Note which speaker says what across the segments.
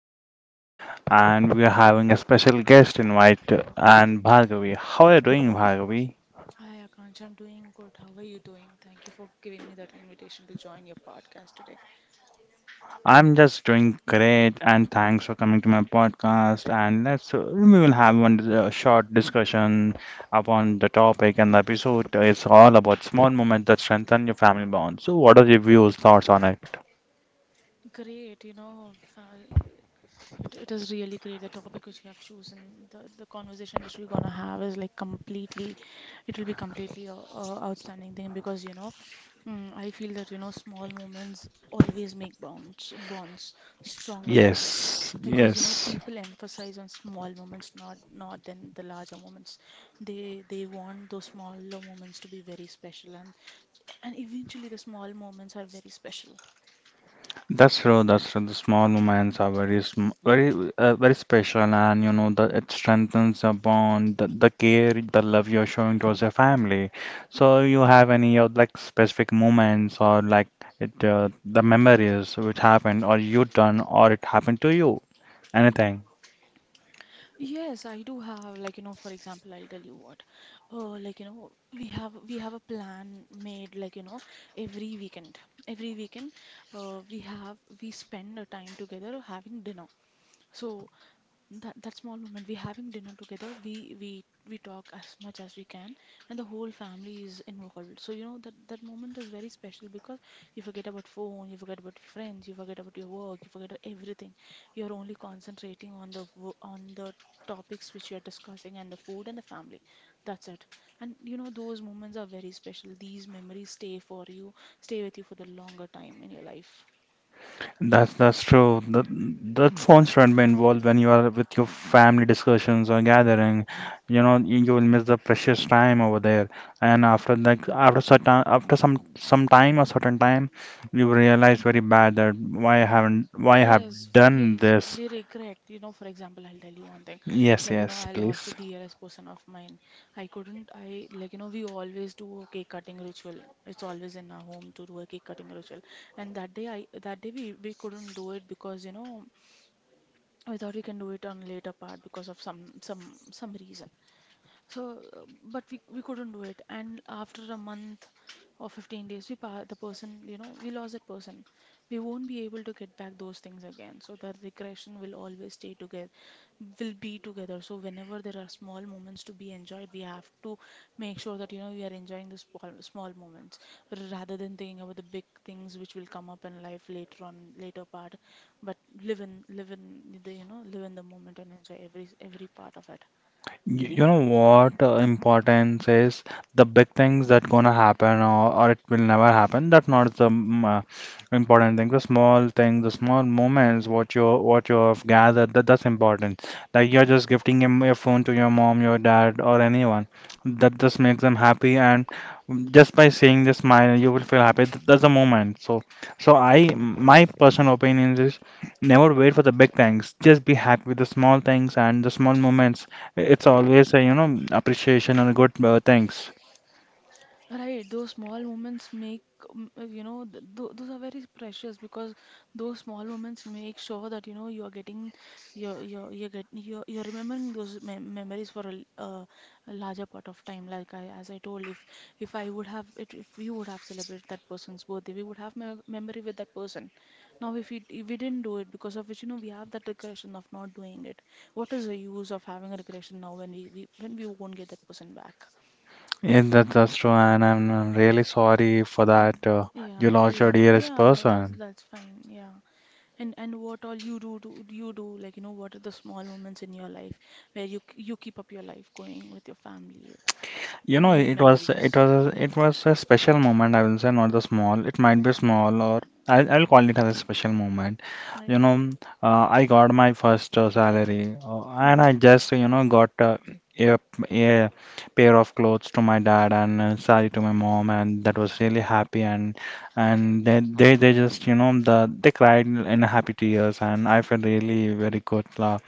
Speaker 1: today, and we are having a special guest invite and Bhargavi. How are you doing, Bhargavi?
Speaker 2: Hi, Akansh. I'm doing good. How are you doing? Thank you for giving me that invitation to join your podcast today.
Speaker 1: I'm just doing great, and thanks for coming to my podcast. And let's we will have one short discussion upon the topic and the episode. It's all about small moments that strengthen your family bond. So, what are your views, thoughts on it?
Speaker 2: Great, you know, fa- It is really great. The topic which you have chosen, the conversation which we're gonna have is like completely, it will be completely a outstanding thing because I feel that you know, small moments always make stronger bonds,
Speaker 1: Yes,
Speaker 2: because you know,
Speaker 1: yes.
Speaker 2: people emphasize on small moments, not then the larger moments. They want those smaller moments to be very special, and eventually the small moments are very special.
Speaker 1: That's true. That's true. The small moments are very, very special, and you know that it strengthens the bond, the care, the love you're showing towards your family. So you have any of like specific moments or like the memories which happened, or you done, or it happened to you? Anything?
Speaker 2: Yes, I do have, like, you know, for example, I'll tell you what. Like, you know, we have a plan made, like, you know, every weekend, every weekend we spend a time together having dinner. So that small moment, we having dinner together, we talk as much as we can, and the whole family is involved. So, you know, that moment is very special because you forget about phone, you forget about your friends, you forget about your work, you forget everything. You're only concentrating on the topics which you're discussing, and the food and the family. That's it. And you know, those moments are very special. These memories stay for you, stay with you for the longer time in your life.
Speaker 1: That's true. That phones shouldn't be involved when you are with your family discussions or gathering. You know, you will miss the precious time over there. And after like after certain after some time or certain time, you realize very bad that why I haven't why I have
Speaker 2: Yes,
Speaker 1: done
Speaker 2: yes,
Speaker 1: this.
Speaker 2: we regret. You know, for example, I'll tell you one thing.
Speaker 1: Yes,
Speaker 2: Like, you know,
Speaker 1: yes,
Speaker 2: I lost a
Speaker 1: please.
Speaker 2: dearest person of mine. I couldn't, I, like, you know, we always do a cake cutting ritual. It's always in our home to do a cake cutting ritual. And that day, we couldn't do it because, you know, we thought we can do it on later part because of some reason. So, but we couldn't do it. And after a month or 15 days, we pa the person, you know, we lost that person. We won't be able to get back those things again. So the regression will always stay together, will be together. So whenever there are small moments to be enjoyed, we have to make sure that, you know, we are enjoying the small moments rather than thinking about the big things which will come up in life later on, later part. But live in the, you know, live in the moment and enjoy every part of it.
Speaker 1: You know what importance is the big things that gonna happen, or it will never happen. That not the important thing. The small things, the small moments, what you have gathered, that's important. Like you're just gifting your phone to your mom, your dad, or anyone. That just makes them happy, and just by seeing the smile, you will feel happy. That's the moment. So I my personal opinion is never wait for the big things. Just be happy with the small things and the small moments. It's always a, you know, appreciation and good thanks.
Speaker 2: Right, those small moments make, you know, those are very precious because those small moments make sure that, you know, you're getting, you're remembering those memories for a larger part of time. Like I, as I told, if I would have, if we would have celebrated that person's birthday, we would have me memory with that person. Now, if we didn't do it, because of which, you know, we have that regression of not doing it. What is the use of having a regression now when when we won't get that person back?
Speaker 1: Yeah, that's true, and I'm really sorry for
Speaker 2: Uh,
Speaker 1: that. You
Speaker 2: Yeah,
Speaker 1: lost your
Speaker 2: yeah,
Speaker 1: dearest
Speaker 2: yeah.
Speaker 1: person.
Speaker 2: That's fine. Yeah. And what all you do, do you do, like, you know, what are the small moments in your life where you you keep up your life going with your family,
Speaker 1: You
Speaker 2: you
Speaker 1: know,
Speaker 2: make memories,
Speaker 1: it was a special moment. I will say not the small. It might be small, or I'll call it as a special moment.
Speaker 2: right?
Speaker 1: You know, I got my first salary, and
Speaker 2: Mhm.
Speaker 1: I just you know got a a pair of clothes to my dad and a saree to my mom, and that was really happy. And they just you know they cried in happy tears, and I felt really very good.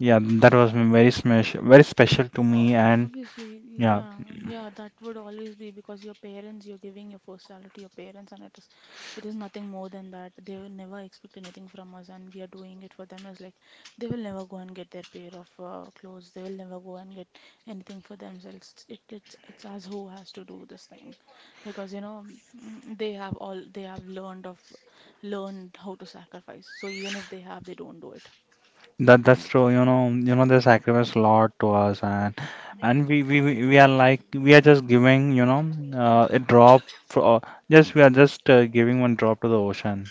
Speaker 1: Yeah, that was very special to
Speaker 2: O-
Speaker 1: me, and.
Speaker 2: Obviously,
Speaker 1: Yeah,
Speaker 2: yeah, yeah, that would always be because your parents, you're giving your first salary to your parents, and it is nothing more than that. They will never expect anything from us, and we are doing it for them. Is like they will never go and get their pair of clothes. They will never go and get anything for themselves. It's us who has to do this thing, because you know they have all they have learned of, learned how to sacrifice. So even if they have, they don't do it.
Speaker 1: that's true. You know, they sacrifice a lot to us, and we are like we are just giving, you know, a drop for just we are just giving one drop to the ocean.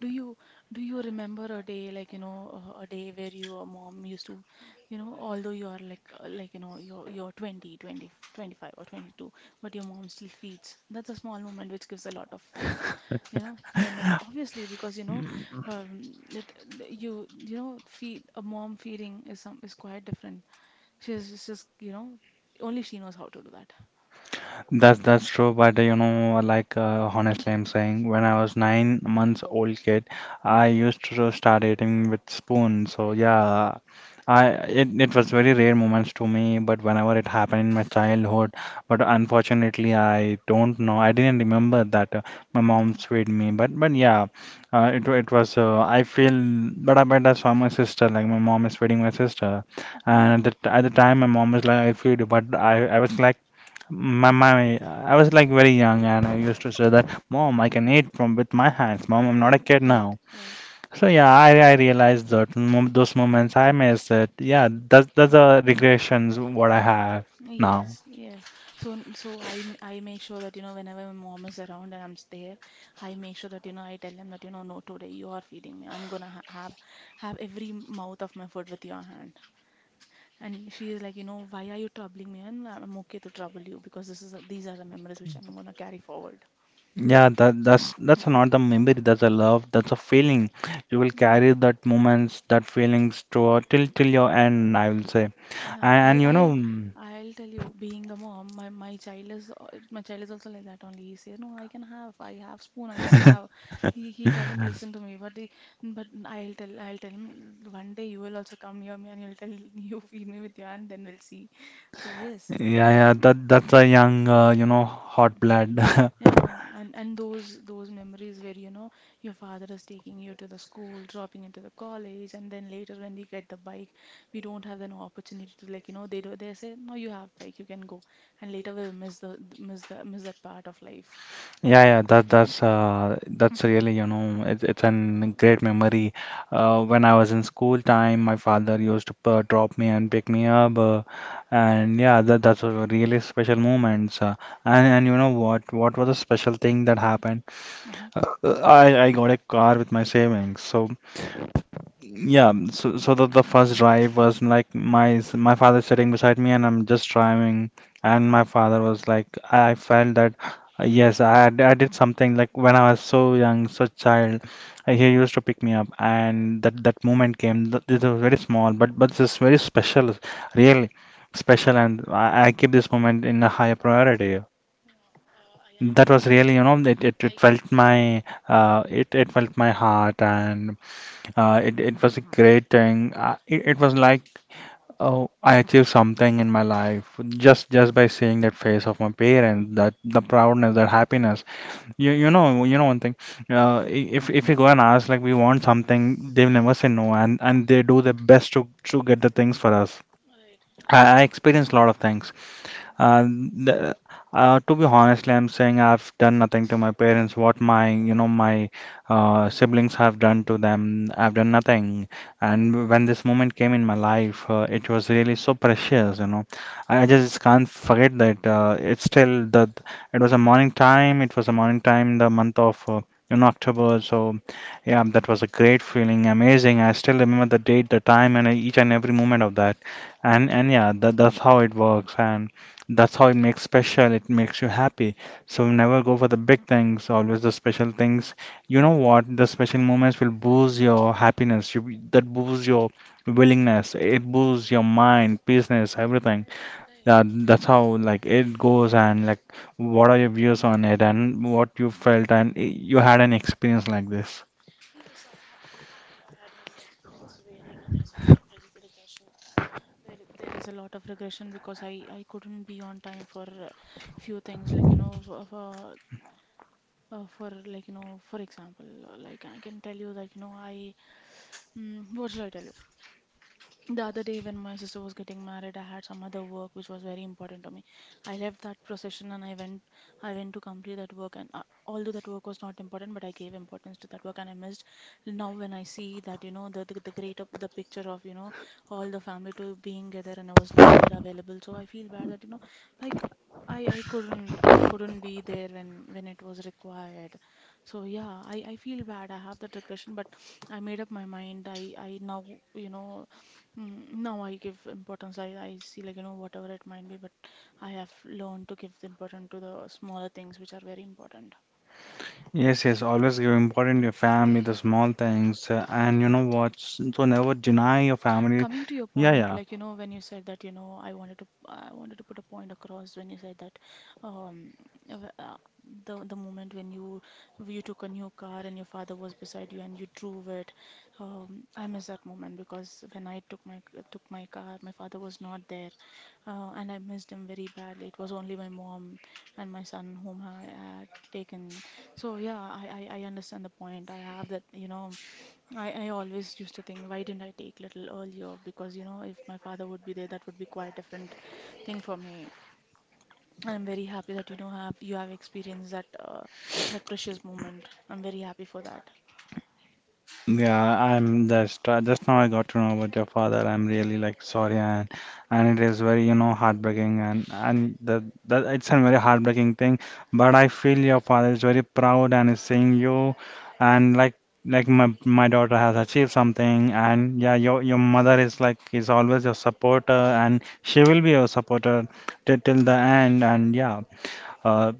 Speaker 2: Do you do you remember a day, like, you know, a day where your mom used to, you know, although you are like you know you're 25 or 22, but your mom still feeds. That's a small moment which gives a lot of, you know, memory. Obviously, because you know that that you know feed, a mom feeding is some is quite different. She's you know, only she knows how to do that.
Speaker 1: That's true, but you know, like honestly, I'm saying when I was 9 months old kid, I used to start eating with spoon. So yeah, I it, was very rare moments to me, but whenever it happened in my childhood, but unfortunately, I don't know, I didn't remember that my mom
Speaker 2: Mm.
Speaker 1: fed me. But yeah, it was I feel, but I but that's why my sister, like my mom is feeding my sister, and
Speaker 2: Yeah,
Speaker 1: at at the time my mom was like I feed you, but I was like. I was like very young and I used to say that, Mom, I can eat from with my hands. Mom, I'm not a kid now.
Speaker 2: right.
Speaker 1: So yeah, I realized that those moments I missed it. Yeah, that's the regrets what I have now.
Speaker 2: Yes, yes. So, so I make sure that you know whenever my mom is around and there, I make sure that you know I tell him that you know no, today you are feeding me. I'm gonna ha have every mouth of my food with your hand. And she is like, you know, why are you troubling me? And I'm okay to trouble you because this is these are the memories which I'm gonna carry forward.
Speaker 1: Yeah, that's not the memory. That's a love. That's a feeling. You will carry that moments, that feelings to till your end. I will say,
Speaker 2: Yeah, I
Speaker 1: and you
Speaker 2: I
Speaker 1: know, mm,
Speaker 2: I'll tell you, being a mom, my child is also like that only. He says, "No, I can have, I have spoon, I can have." He doesn't listen to me, but he, but I'll tell him one day you will also come near me and you'll tell you feed me with your hand, then we'll see. So yes,
Speaker 1: yeah, yeah, that's a young, you know, hot blood.
Speaker 2: yeah, and those memories where you know your father is taking you to the school, dropping into the college, and then later when we get the bike, we don't have an opportunity to like you know they say no you have bike you can go, and later we miss that part of life.
Speaker 1: Yeah, yeah, that's really, you know, it's an great memory. When I was in school time, my father used to drop me and pick me up, and yeah, that's a really special moments. And you know what? What was a special thing that happened?
Speaker 2: Mm-hmm.
Speaker 1: I got a car with my savings, so yeah, the first drive was like my father sitting beside me and I'm just driving and my father was like I felt that yes I did something like when I was so young so child he used to pick me up and that moment came this was very small but this very special really special and I keep this moment in a higher priority.
Speaker 2: Yeah, I
Speaker 1: That was really
Speaker 2: understand.
Speaker 1: you know
Speaker 2: I
Speaker 1: it felt
Speaker 2: completely.
Speaker 1: my it felt my heart and it was a great thing. It was like oh, I achieved something in my life just by seeing that face of my parents, that the proudness, that happiness. You know one thing. If you go and ask like we want something, they will never say no, and they do their best to get the things for us.
Speaker 2: Right,
Speaker 1: I
Speaker 2: right.
Speaker 1: experienced a lot of things.
Speaker 2: Yeah.
Speaker 1: Uh, the, to be honestly, I'm saying I've done nothing to my parents. What my, you know, my siblings have done to them, I've done nothing. And when this moment came in my life, it was really so precious, you know. I just can't forget that. It's still the, it was a morning time. It was a morning time in the month of, you know, October. So, yeah, that was a great feeling, amazing. I still remember the date, the time, and each and every moment of that. And yeah, that's how it works. And that's how it makes special. It makes you happy. So never go for the big things, always the special things. You know what? The special
Speaker 2: Mhm.
Speaker 1: moments will boost your happiness. That boosts your willingness. It boosts your mind, business, everything.
Speaker 2: Right, right.
Speaker 1: Yeah, that's how like it goes and like what are your views on it and what you felt and you had an experience like this.
Speaker 2: Yes, I had many experience where you know there is a lot of regression. There is a lot of regression because I couldn't be on time for few things like you know for like you know for example like I can tell you that you know what should I tell you the other day, when my sister was getting married, I had some other work which was very important to me. I left that procession and I went to complete that work. And although that work was not important, but I gave importance to that work and I missed. Now, when I see that, you know, the greater the picture of, you know, all the family to being together and I was not there available, so I feel bad that, you know, I, c- I couldn't be there when it was required. So yeah, I feel bad. I have that regression, but I made up my mind. I now you know No, I give importance. I see, like, you know, whatever it might be, but I have learned to give the importance to the smaller things which are very important.
Speaker 1: Yes, yes, always give important to your family, the small things, and you know what? So never deny your family.
Speaker 2: Coming to your
Speaker 1: Yeah,
Speaker 2: point,
Speaker 1: yeah.
Speaker 2: like, you know, when you said that, you know, I wanted to put a point across when you said that um uh, w- uh, the moment when you took a new car and your father was beside you and you drove it. Um, I miss that moment because when I took my car, my father was not there. And I missed him very badly. It was only my mom and my son whom I had taken. So yeah, I understand the point. I have that, you know, I always used to think, why didn't I take little earlier? Because, you know, if my father would be there, that would be quite different thing for me. And I'm very happy that you know have you have experienced that that precious moment. I'm very happy for that.
Speaker 1: Yeah, I'm just now I got to know about your father. I'm really like sorry and it is very you know heartbreaking and that it's a very heartbreaking thing. But I feel your father is very proud and is seeing you and like my daughter has achieved something and yeah your mother is like is always your supporter and she will be your supporter till the end and yeah uh,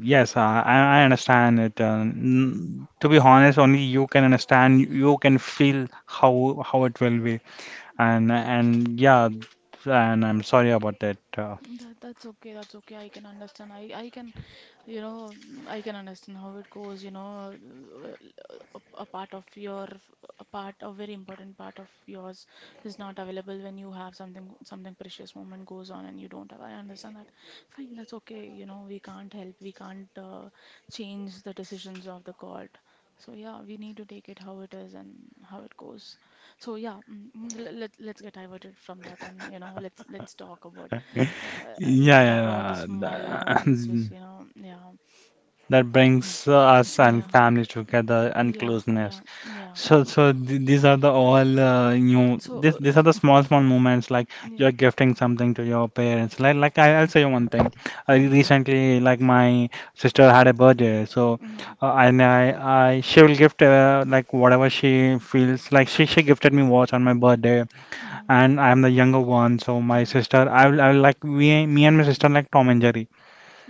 Speaker 1: yes, I understand it. To be honest, only you can understand, you can feel how it will be, and yeah, and I'm sorry about that.
Speaker 2: That's okay. That's okay. I can understand. I can, you know, I can understand how it goes. You know, a part of your, a very important part of yours is not available when you have something, something precious moment goes on, and you don't have. I understand that, fine. That's okay, you know, we can't help. We can't change the decisions of the god. So yeah, we need to take it how it is and how it goes. So yeah, let's get diverted from that, and, you know, uh,
Speaker 1: Yeah,
Speaker 2: let's
Speaker 1: yeah,
Speaker 2: talk about the
Speaker 1: yeah.
Speaker 2: small moments which
Speaker 1: That,
Speaker 2: you know. Yeah,
Speaker 1: that brings us and
Speaker 2: yeah,
Speaker 1: family together and closeness.
Speaker 2: yeah.
Speaker 1: These are the all new.
Speaker 2: So,
Speaker 1: This, these are the small, small moments like
Speaker 2: yeah.
Speaker 1: you're gifting something to your parents. Like I'll say one thing. I
Speaker 2: Mm-hmm,
Speaker 1: recently, like my sister had a birthday, so
Speaker 2: mm-hmm,
Speaker 1: uh, and I, I, she will gift like whatever she feels like. She gifted me watch on my birthday,
Speaker 2: mm-hmm,
Speaker 1: and I'm the younger one, so my
Speaker 2: mm-hmm.
Speaker 1: sister, I will like we, me and my sister like Tom and Jerry.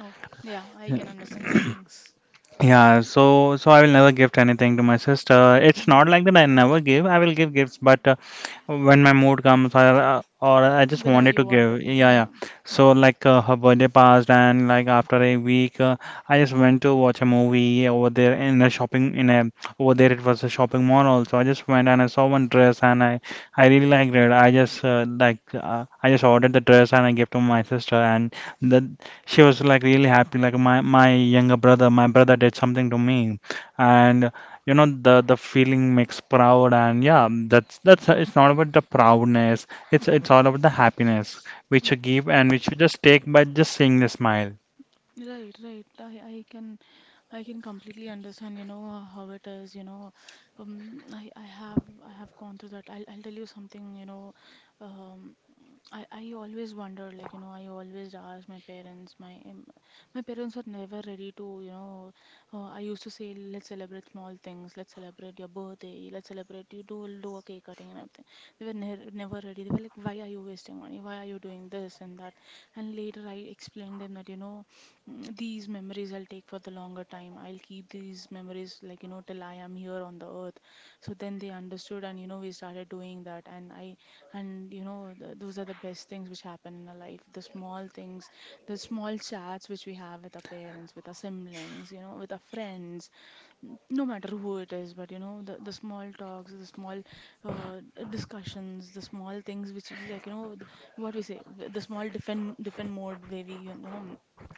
Speaker 2: Oh, yeah, I can understand siblings.
Speaker 1: Yeah, I will never gift anything to my sister. It's
Speaker 2: Mm.
Speaker 1: not like that I never give. I will give gifts, but when my mood comes or I just
Speaker 2: Whenever
Speaker 1: wanted
Speaker 2: you
Speaker 1: to
Speaker 2: want
Speaker 1: give.
Speaker 2: to.
Speaker 1: Yeah, yeah.
Speaker 2: Yeah.
Speaker 1: So like her birthday passed and like after a week I just went to watch a movie over there in a shopping in a over there it was a shopping mall also. I just went and I saw one dress and I really liked it. I just I just ordered the dress and I gave to my sister and the she was like really happy like my younger brother my brother did something to me and you know the feeling makes proud and yeah that's it's not about the proudness, it's all about the happiness which you give and which you just take by just seeing the smile.
Speaker 2: Right, right. I can completely understand, you know, how it is, you know. Um, I, I have I have gone through that. I'll tell you something, you know. Um, I always wonder, I always ask my parents. My parents were never ready to, you know. I used to say, let's celebrate small things. Let's celebrate your birthday. Let's celebrate you do a cake cutting and everything. They were ne never ready. They were like, why are you wasting money? Why are you doing this and that? And later I explained them that, you know. These memories I'll take for the longer time. I'll keep these memories, like, you know, till I am here on the earth. So then they understood, and, you know, we started doing that. And, you know, th those are the best things which happen in our life. The small things, the small chats which we have with our parents, with our siblings, you know, with our friends, no matter who it is, but, you know, the small talks, the small uh, discussions, the small things which, like, you know, what we say, the small different, different mode where we, you know,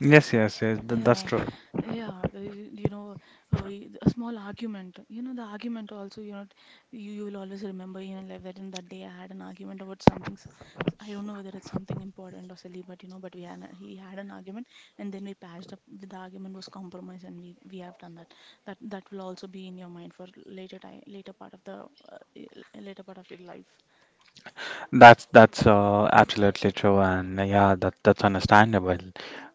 Speaker 1: Yes, yes, yes, that's
Speaker 2: yeah,
Speaker 1: true.
Speaker 2: yeah, the- you you know, a small argument. You know, the argument also, you know, you will always remember in life that in that day I had an argument about something. I don't know whether it's something important or silly, but you know, but we he had an argument, and then we patched up. The argument was compromise, and we have done that. That will also be in your mind for later time, later part of the later part of your life.
Speaker 1: That's absolutely true, and yeah, that's understandable.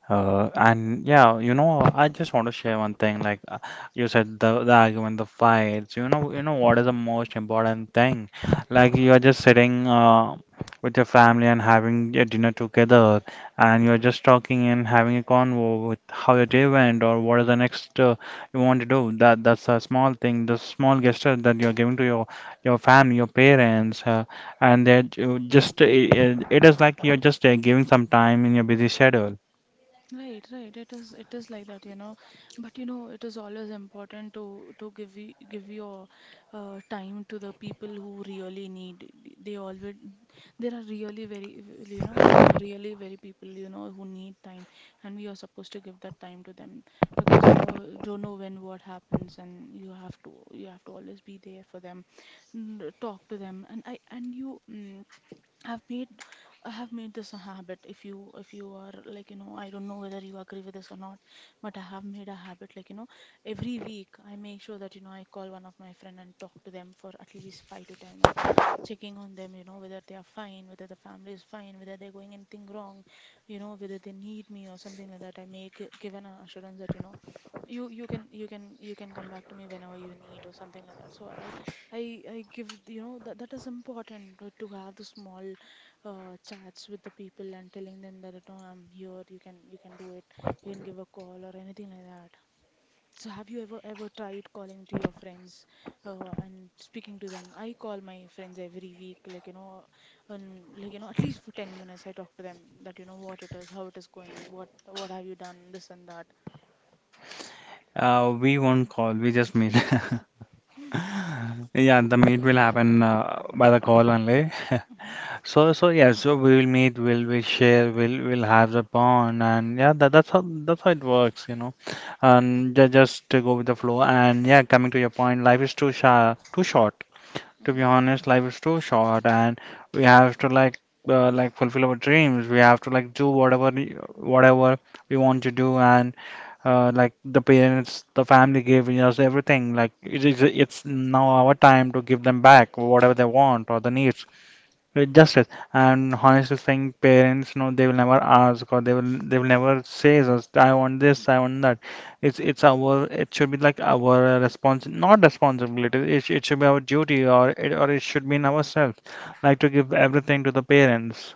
Speaker 1: And yeah, you know, I just want to share one thing. Like you said, the argument, the fights. You know what is the most important thing? Like you are just sitting with your family and having your dinner together, and you're just talking and having a convo with how your day went or what is the next you want to do. That's a small thing, the small gesture that you're giving to your family, your parents, and that you just it is like you're just giving some time in your busy schedule.
Speaker 2: Right, right. It is like that, you know. But you know, it is always important to give give your time to the people who really need. They always there are really very You know, there are really very people, you know, who need time, and we are supposed to give that time to them because you know don't know when what happens, and you have to always be there for them, talk to them, and I and you. Mm, I've made I have made this a habit. If you are, like, you know, I don't know whether you agree with this or not, but I have made a habit, like, you know, every week I make sure that you know I call one of my friend and talk to them for at least 5 to 10 minutes, checking on them, you know, whether they are fine, whether the family is fine, whether they're going anything wrong, you know, whether they need me or something like that. I make given an assurance that you know you can come back to me whenever you need or something like that. So I give, you know, that that is important to have the small chats with the people and telling them that no, I'm here, you can do it, you can give a call or anything like that. So have you ever tried calling to your friends and speaking to them? I call my friends every week, like you know, and like you know, at least for 10 minutes I talk to them that you know what it is, how it is going, what have you done, this and that.
Speaker 1: We won't call, we just meet. Yeah, the meet will happen by the call only.
Speaker 2: hmm
Speaker 1: So yeah, so we will meet, we'll share, we'll have the bond, and yeah, that's how it works, you know. And just to go with the flow, and yeah, coming to your point, life is too short. To be
Speaker 2: hmm
Speaker 1: honest, life is too short, and we have to like fulfill our dreams. We have to like do whatever we want to do, and like the parents, the family gave us everything. Like it's now our time to give them back whatever they want or the needs. It's justice. And honestly saying, parents, no, they will never ask or they will never say us, I want this, I want that. It should be like our response, not responsibility. It should be our duty or it should be in ourselves, like to give everything to the parents.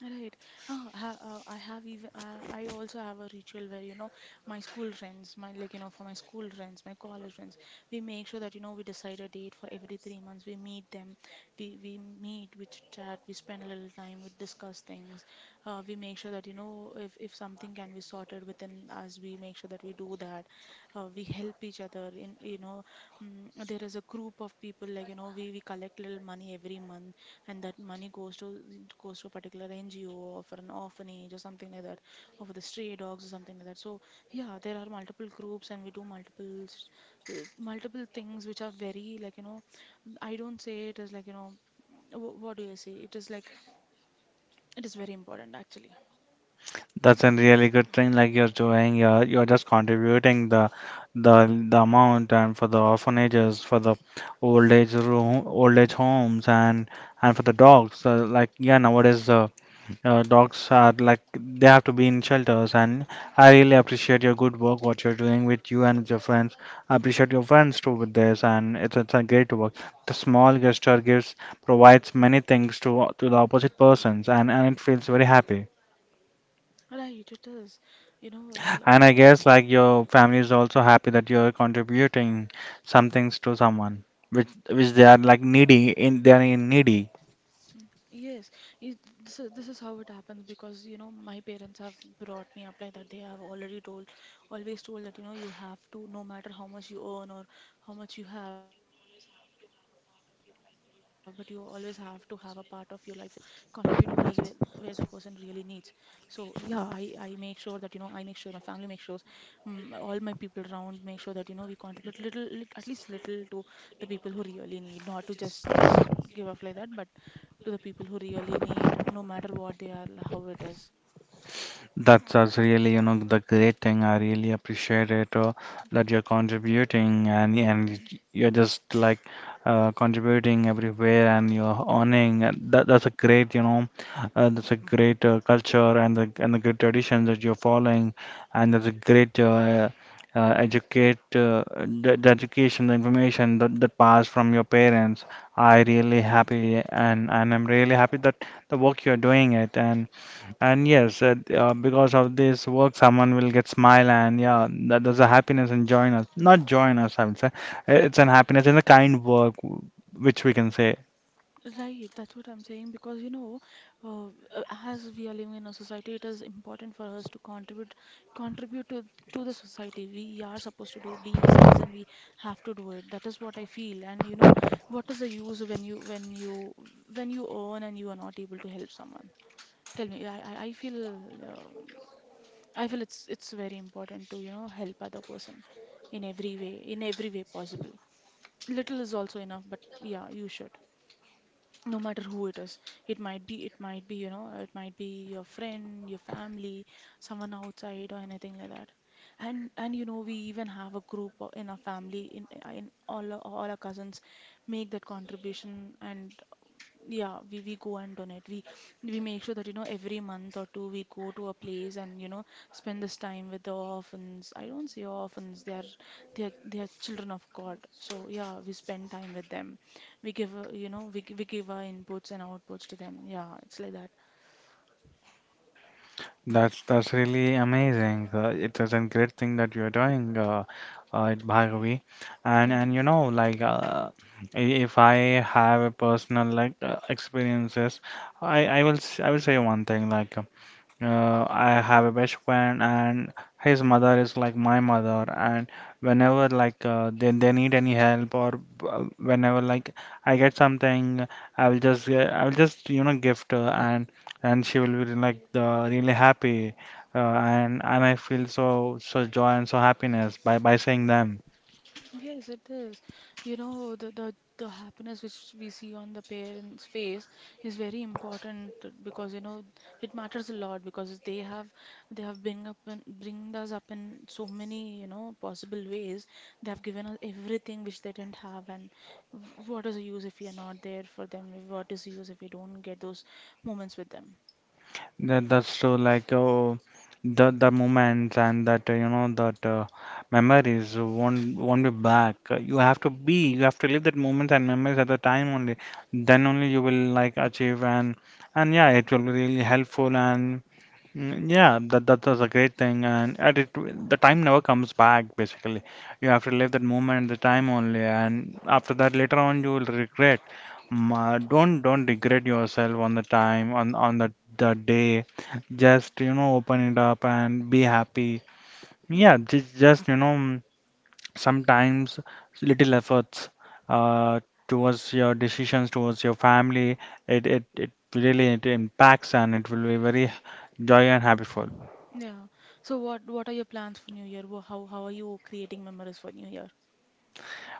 Speaker 2: Right. I also have a ritual where you know my school friends, my like you know for my school friends, my college friends, we make sure that you know we decide a date for every 3 months. We meet them, we meet, we chat, we spend a little time, we discuss things. We make sure that you know if something can be sorted within us, we make sure that we do that. We help each other in, you know, there is a group of people, like, you know, we collect little money every month and that money goes to a particular NGO or for an orphanage or something like that, or for the stray dogs or something like that. So yeah, there are multiple groups and we do multiple things which are very like you know, I don't say it as like you know, what do I say? It is like it is very important actually.
Speaker 1: That's a really good thing. Like you're doing, you're just contributing the amount and for the orphanages, for the old age room, old age homes, and for the dogs. Like yeah, nowadays dogs are like they have to be in shelters. And I really appreciate your good work, what you're doing with you and with your friends. I appreciate your friends too with this, and it's a great work. The small gesture gives provides many things to the opposite persons, and it feels very happy.
Speaker 2: Right, it is. You know,
Speaker 1: And I guess like your family is also happy that you're contributing some things to someone, which they are like needy in they are in needy.
Speaker 2: Yes, it, this is, so this is how it happens because you know my parents have brought me up like that. They have already told, always told that you know you have to, no matter how much you earn or how much you have, but you always have to have a part of your life contribute to others where the person really needs. So yeah, I make sure that you know I make sure my family makes sure, all my people around make sure that you know we contribute little at least little to the people who really need, not to just give off like that but to the people who really need, no matter what they are, how it is.
Speaker 1: That's really the great thing. I really appreciate it that you're contributing and you're just like contributing everywhere and you're earning. And that's a great culture and the great traditions that you're following and that's a great educate the education the information that passed from your parents. I really happy and I'm really happy that the work you're doing it and. And yes, because of this work, someone will get smile and yeah, that there's a happiness and join us. Not join us, I would say. It's an happiness in the kind work, which we can say.
Speaker 2: Right, that's what I'm saying because you know, uh, as we are living in a society, it is important for us to contribute, contribute to to the society. We are supposed to do. Being a citizen, we have to do it. That is what I feel. And you know, what is the use when you earn and you are not able to help someone? Tell me. I feel uh, I feel it's very important to you know help other person in every way, possible. Little is also enough, but yeah, you should, no matter who it is, it might be, you know, it might be your friend, your family, someone outside or anything like that. And you know, we even have a in our family, in all our cousins make that contribution. And yeah, we go and donate. We make sure that you know every month or two we go to a place and you know spend this time with the orphans. I don't say orphans; they are children of God. So yeah, we spend time with them. We give, you know, we give our inputs and outputs to them. Yeah, it's like that.
Speaker 1: That's really amazing. It is a great thing that you're doing, at Bhargavi. And
Speaker 2: Yeah.
Speaker 1: and you know, like i- if I have a personal like experiences, I will say one thing like. I have a best friend, and his mother is like my mother. And whenever like they need any help or whenever like I get something, I will just you know gift her, and she will be like really happy, and I feel so joy and so happiness by seeing them.
Speaker 2: Yes, it is. You know, the happiness which we see on the parents' face is very important because you know it matters a lot because they have bring up and bring us up in so many you know possible ways. They have given us everything which they didn't have, and what is the use if we are not there for them? What is the use if we don't get those moments with them?
Speaker 1: That's true. Like oh, the moments and that you know that memories won't be back. You have to be. You have to live that moments and memories at the time only. Then only you will like achieve and yeah, it will be really helpful and yeah, that was a great thing. And at it, the time never comes back. Basically, you have to live that moment at the time only. And after that, later on, you will regret. Ma, don't regret yourself on the time on the day. Just open it up and be happy.
Speaker 2: Hmm.
Speaker 1: Yeah, just sometimes little efforts uh towards your decisions, towards your family, it really it impacts and it will be very joy and happy.
Speaker 2: Yeah. So what are your plans for New Year? How are you creating memories for New Year?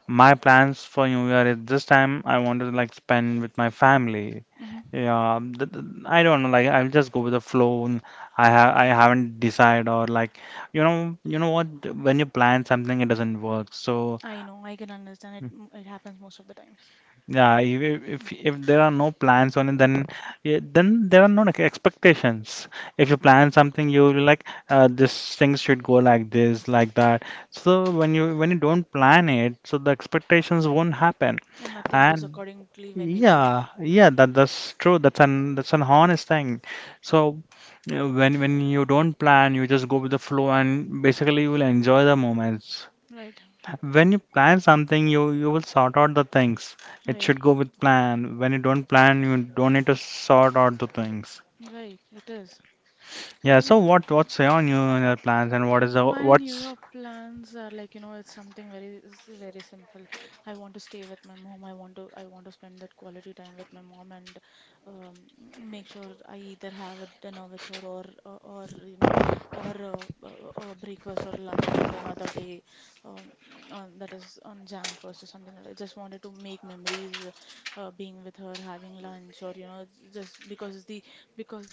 Speaker 1: My plans for New Year is this time I want to like spend with my family.
Speaker 2: Mm-hmm.
Speaker 1: Yeah, I don't know. Like I'll just go with the flow. And I haven't decided or like you know what when you plan something it doesn't work. So
Speaker 2: I know, I can understand it. It happens most of the times,
Speaker 1: yeah, if there are no plans on it, then yeah, then there are no like, expectations. If you plan something, you will be like this things should go like this, like that. So when you don't plan it, so the expectations won't happen.
Speaker 2: and nothing goes
Speaker 1: And
Speaker 2: accordingly when we plan.
Speaker 1: yeah, yeah, that's true. That's an honest thing. So you know, when you don't plan, you just go with the flow, and basically you will enjoy the moments.
Speaker 2: Right,
Speaker 1: When you plan something, you will sort out the things. It
Speaker 2: right,
Speaker 1: should go with plan. When you don't plan, you don't need to sort out the things.
Speaker 2: right. It is.
Speaker 1: Yeah.
Speaker 2: Yeah,
Speaker 1: So what's on you in your plans, and what is the
Speaker 2: my New
Speaker 1: what's.
Speaker 2: Year plans are like, you know, it's something very, very simple. I want to stay with my mom. I want to spend that quality time with my mom and um, make sure I either have a dinner with her, or you know, or breakfast or lunch on the another day. Um, on that is On January 1st or something like that. Just wanted to make memories, being with her, having lunch, or you know, just because the because.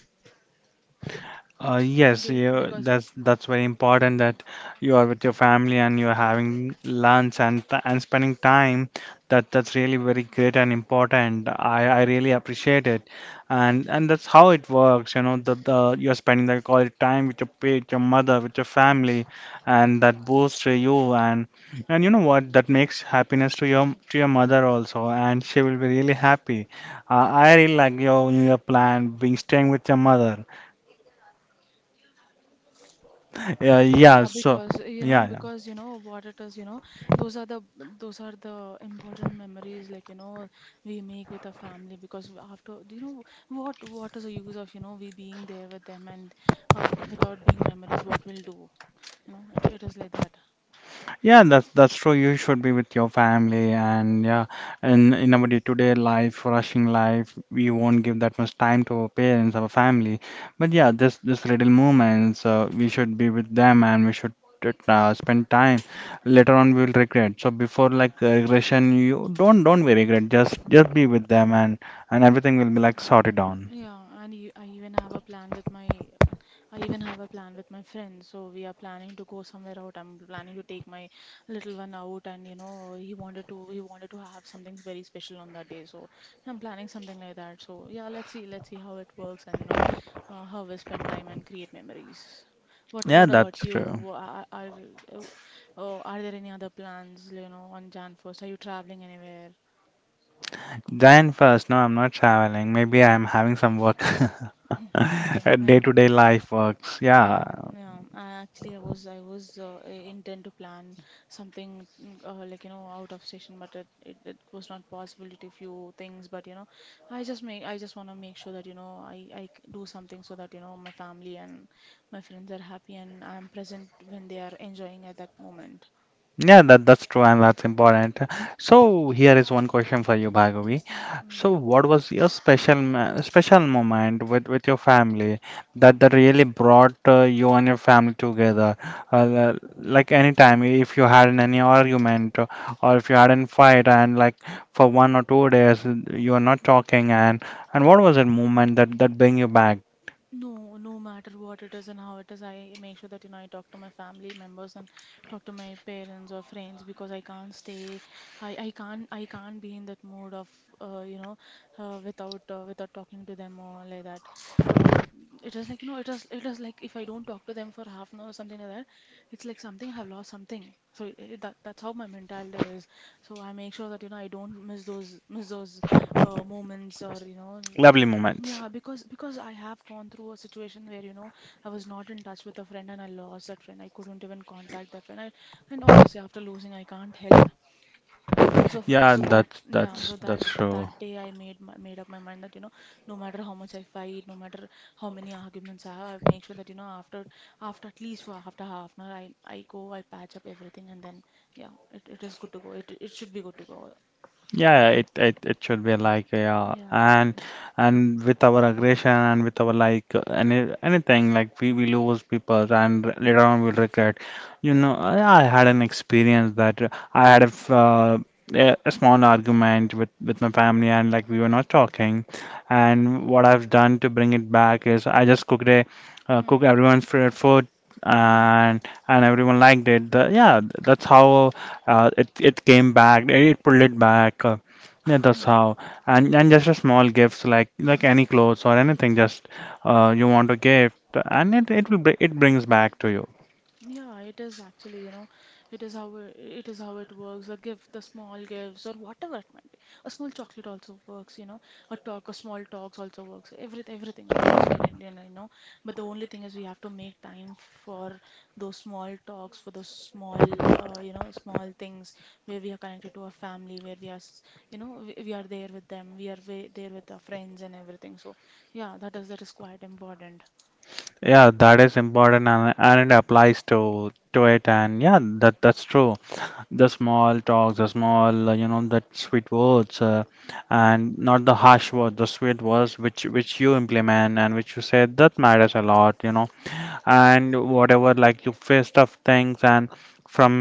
Speaker 1: Yes,
Speaker 2: Okay,
Speaker 1: you,
Speaker 2: because
Speaker 1: that's very important that you are with your family and you're having lunch and spending time. That's really very great and important. I really appreciate it, and that's how it works. You know, the you're spending the quality time with your mother, with your family, and that boosts you and you know what? That makes happiness to your mother also, and she will be really happy. I really like your plan, being staying with your mother. Yeah, yeah,
Speaker 2: Yeah,
Speaker 1: so yeah, yeah.
Speaker 2: because you know what it is, you know, those are the those are the important memories, like you know, we make with our family because after do you know what is the use of you know we being there with them and without being memories what we'll do, you know, it is like that.
Speaker 1: Yeah, that's true. You should be with your family and yeah, and in our day-to-day life, rushing life, we won't give that much time to our parents, our family. But yeah, this little moments, we should be with them and we should spend time. Later on, we'll regret. So before like regression, you don't be regret. Just be with them and everything will be like sorted on.
Speaker 2: Yeah, and I even have a plan with my friends. So we are planning to go somewhere out. I'm planning to take my little one out, and you know, he wanted to have something very special on that day. So I'm planning something like that. So yeah, let's see how it works, and you know, how we spend time and create memories.
Speaker 1: Yeah,
Speaker 2: What
Speaker 1: that's
Speaker 2: about you?
Speaker 1: true.
Speaker 2: Are, are, uh, oh, are there any other plans, on Jan 1st? Are you traveling anywhere?
Speaker 1: Jan 1st, no, I'm not traveling. Maybe I'm having some work,
Speaker 2: Okay, yeah.
Speaker 1: day-to-day life works. Yeah,
Speaker 2: Yeah, yeah. I actually I was I was I- intent to plan something like out of station, but it was not possible due to few things. But I just want to make sure that do something so that my family and my friends are happy and I'm present when they are enjoying at that moment.
Speaker 1: yeah, that's true and that's important. So here is one question for you,
Speaker 2: Mm,
Speaker 1: Bhargavi.
Speaker 2: mm,
Speaker 1: So what was your special moment with your family that
Speaker 2: mm.
Speaker 1: that really brought you and your family together? Any time, if you had any argument or if you had a fight and like for 1 or 2 days you are not talking and what was that moment that bring you back?
Speaker 2: No, no matter what it is and how it is, I make sure that I talk to my family members and talk to my parents or friends because I can't stay. I can't be in that mood of uh, you know without without talking to them or like that. Uh, it is like it is like if I don't talk to them for half an hour or something like that, it's like something I've lost something. So I that that's how my mentality is. So I make sure that I don't miss those moments or
Speaker 1: Lovely moments.
Speaker 2: yeah, because I have gone through a situation where, you know, I was not in touch with a friend and I lost that friend. I couldn't even contact that friend. I, and obviously after losing, I can't help. So f-
Speaker 1: Yeah,
Speaker 2: so that
Speaker 1: that's
Speaker 2: yeah,
Speaker 1: that's
Speaker 2: so that
Speaker 1: that's true.
Speaker 2: that day I made made up my mind that, you know, no matter how much I fight, no matter how many arguments I have, I make sure that, you know, after at least for after half an hour, I patch up everything and then yeah, it is good to go. It should be good to go.
Speaker 1: Yeah, yeah, it should be like yeah,
Speaker 2: Yeah.
Speaker 1: and with our aggression and with our like anything like we lose people and later on we'll regret. You know, I had an experience that I had a small argument with my family and like we were not talking, and what I've done to bring it back is I just
Speaker 2: Hmm.
Speaker 1: cook everyone's favorite food
Speaker 2: Mm.
Speaker 1: and everyone liked it. Yeah, that's how. It came back. It pulled it back. Yeah, that's
Speaker 2: Mm.
Speaker 1: how. And just a small gifts like
Speaker 2: Mm.
Speaker 1: any clothes or anything. Just you want a gift, and it brings back to you.
Speaker 2: Yeah, it is actually, you know, it is how it works. A gift, the small gifts, or whatever it might be. A small chocolate also works, you know. A talk, a small talks also works. Everything works when it. But the only thing is we have to make time for those small talks, for those small, small things where we are connected to our family, where we are there with them, there with our friends and everything. So yeah, that is quite important.
Speaker 1: Yeah, that is important, and it applies to it. And yeah, that's true. The small talks, the small you know that sweet words, and not the harsh words, the sweet words which you implement and which you say that matters a lot. You know and whatever like you face tough things and from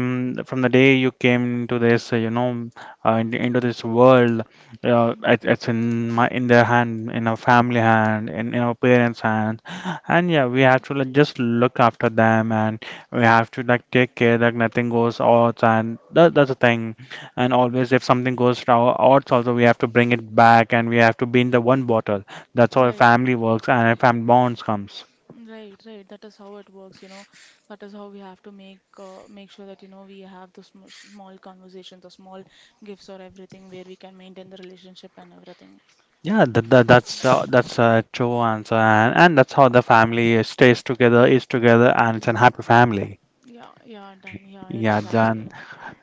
Speaker 1: from the day you came into this into this world
Speaker 2: Mm-hmm.
Speaker 1: it's in my in their hand in our family hand in our parents hand, and yeah we have to like, just look after them and we have to like take care that nothing goes odds and that's the thing, and always if something goes wrong odds also we have to bring it back and we have to be in the one bottle. That's how a
Speaker 2: Right,
Speaker 1: family works and a family bonds comes.
Speaker 2: right. That is how it works, you know. That is how we have to make make sure that, you know, we have those sm small conversations or small gifts or everything where we can maintain the relationship and everything.
Speaker 1: Yeah, that's a true answer, and that's how the family stays together, is together, and it's a happy family.
Speaker 2: Yeah, yeah, done. Yeah, it
Speaker 1: Yeah,
Speaker 2: is
Speaker 1: Jan,
Speaker 2: actually.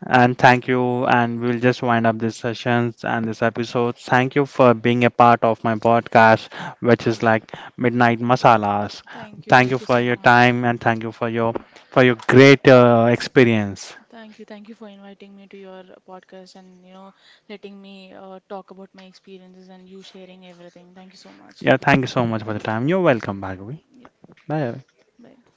Speaker 1: and thank you, and we'll just wind up this sessions and this episode. Thank you for being a part of my podcast, which is like Midnight Masalas. Thank you
Speaker 2: Thank you
Speaker 1: for
Speaker 2: so
Speaker 1: your
Speaker 2: much.
Speaker 1: time, and thank you for your great experience.
Speaker 2: Thank you for inviting me to your podcast and, you know, letting me talk about my experiences and you sharing everything. Thank you so much.
Speaker 1: Yeah, thank you so much for the time. You're welcome, Bhargavi.
Speaker 2: Yeah,
Speaker 1: Bye.
Speaker 2: bye.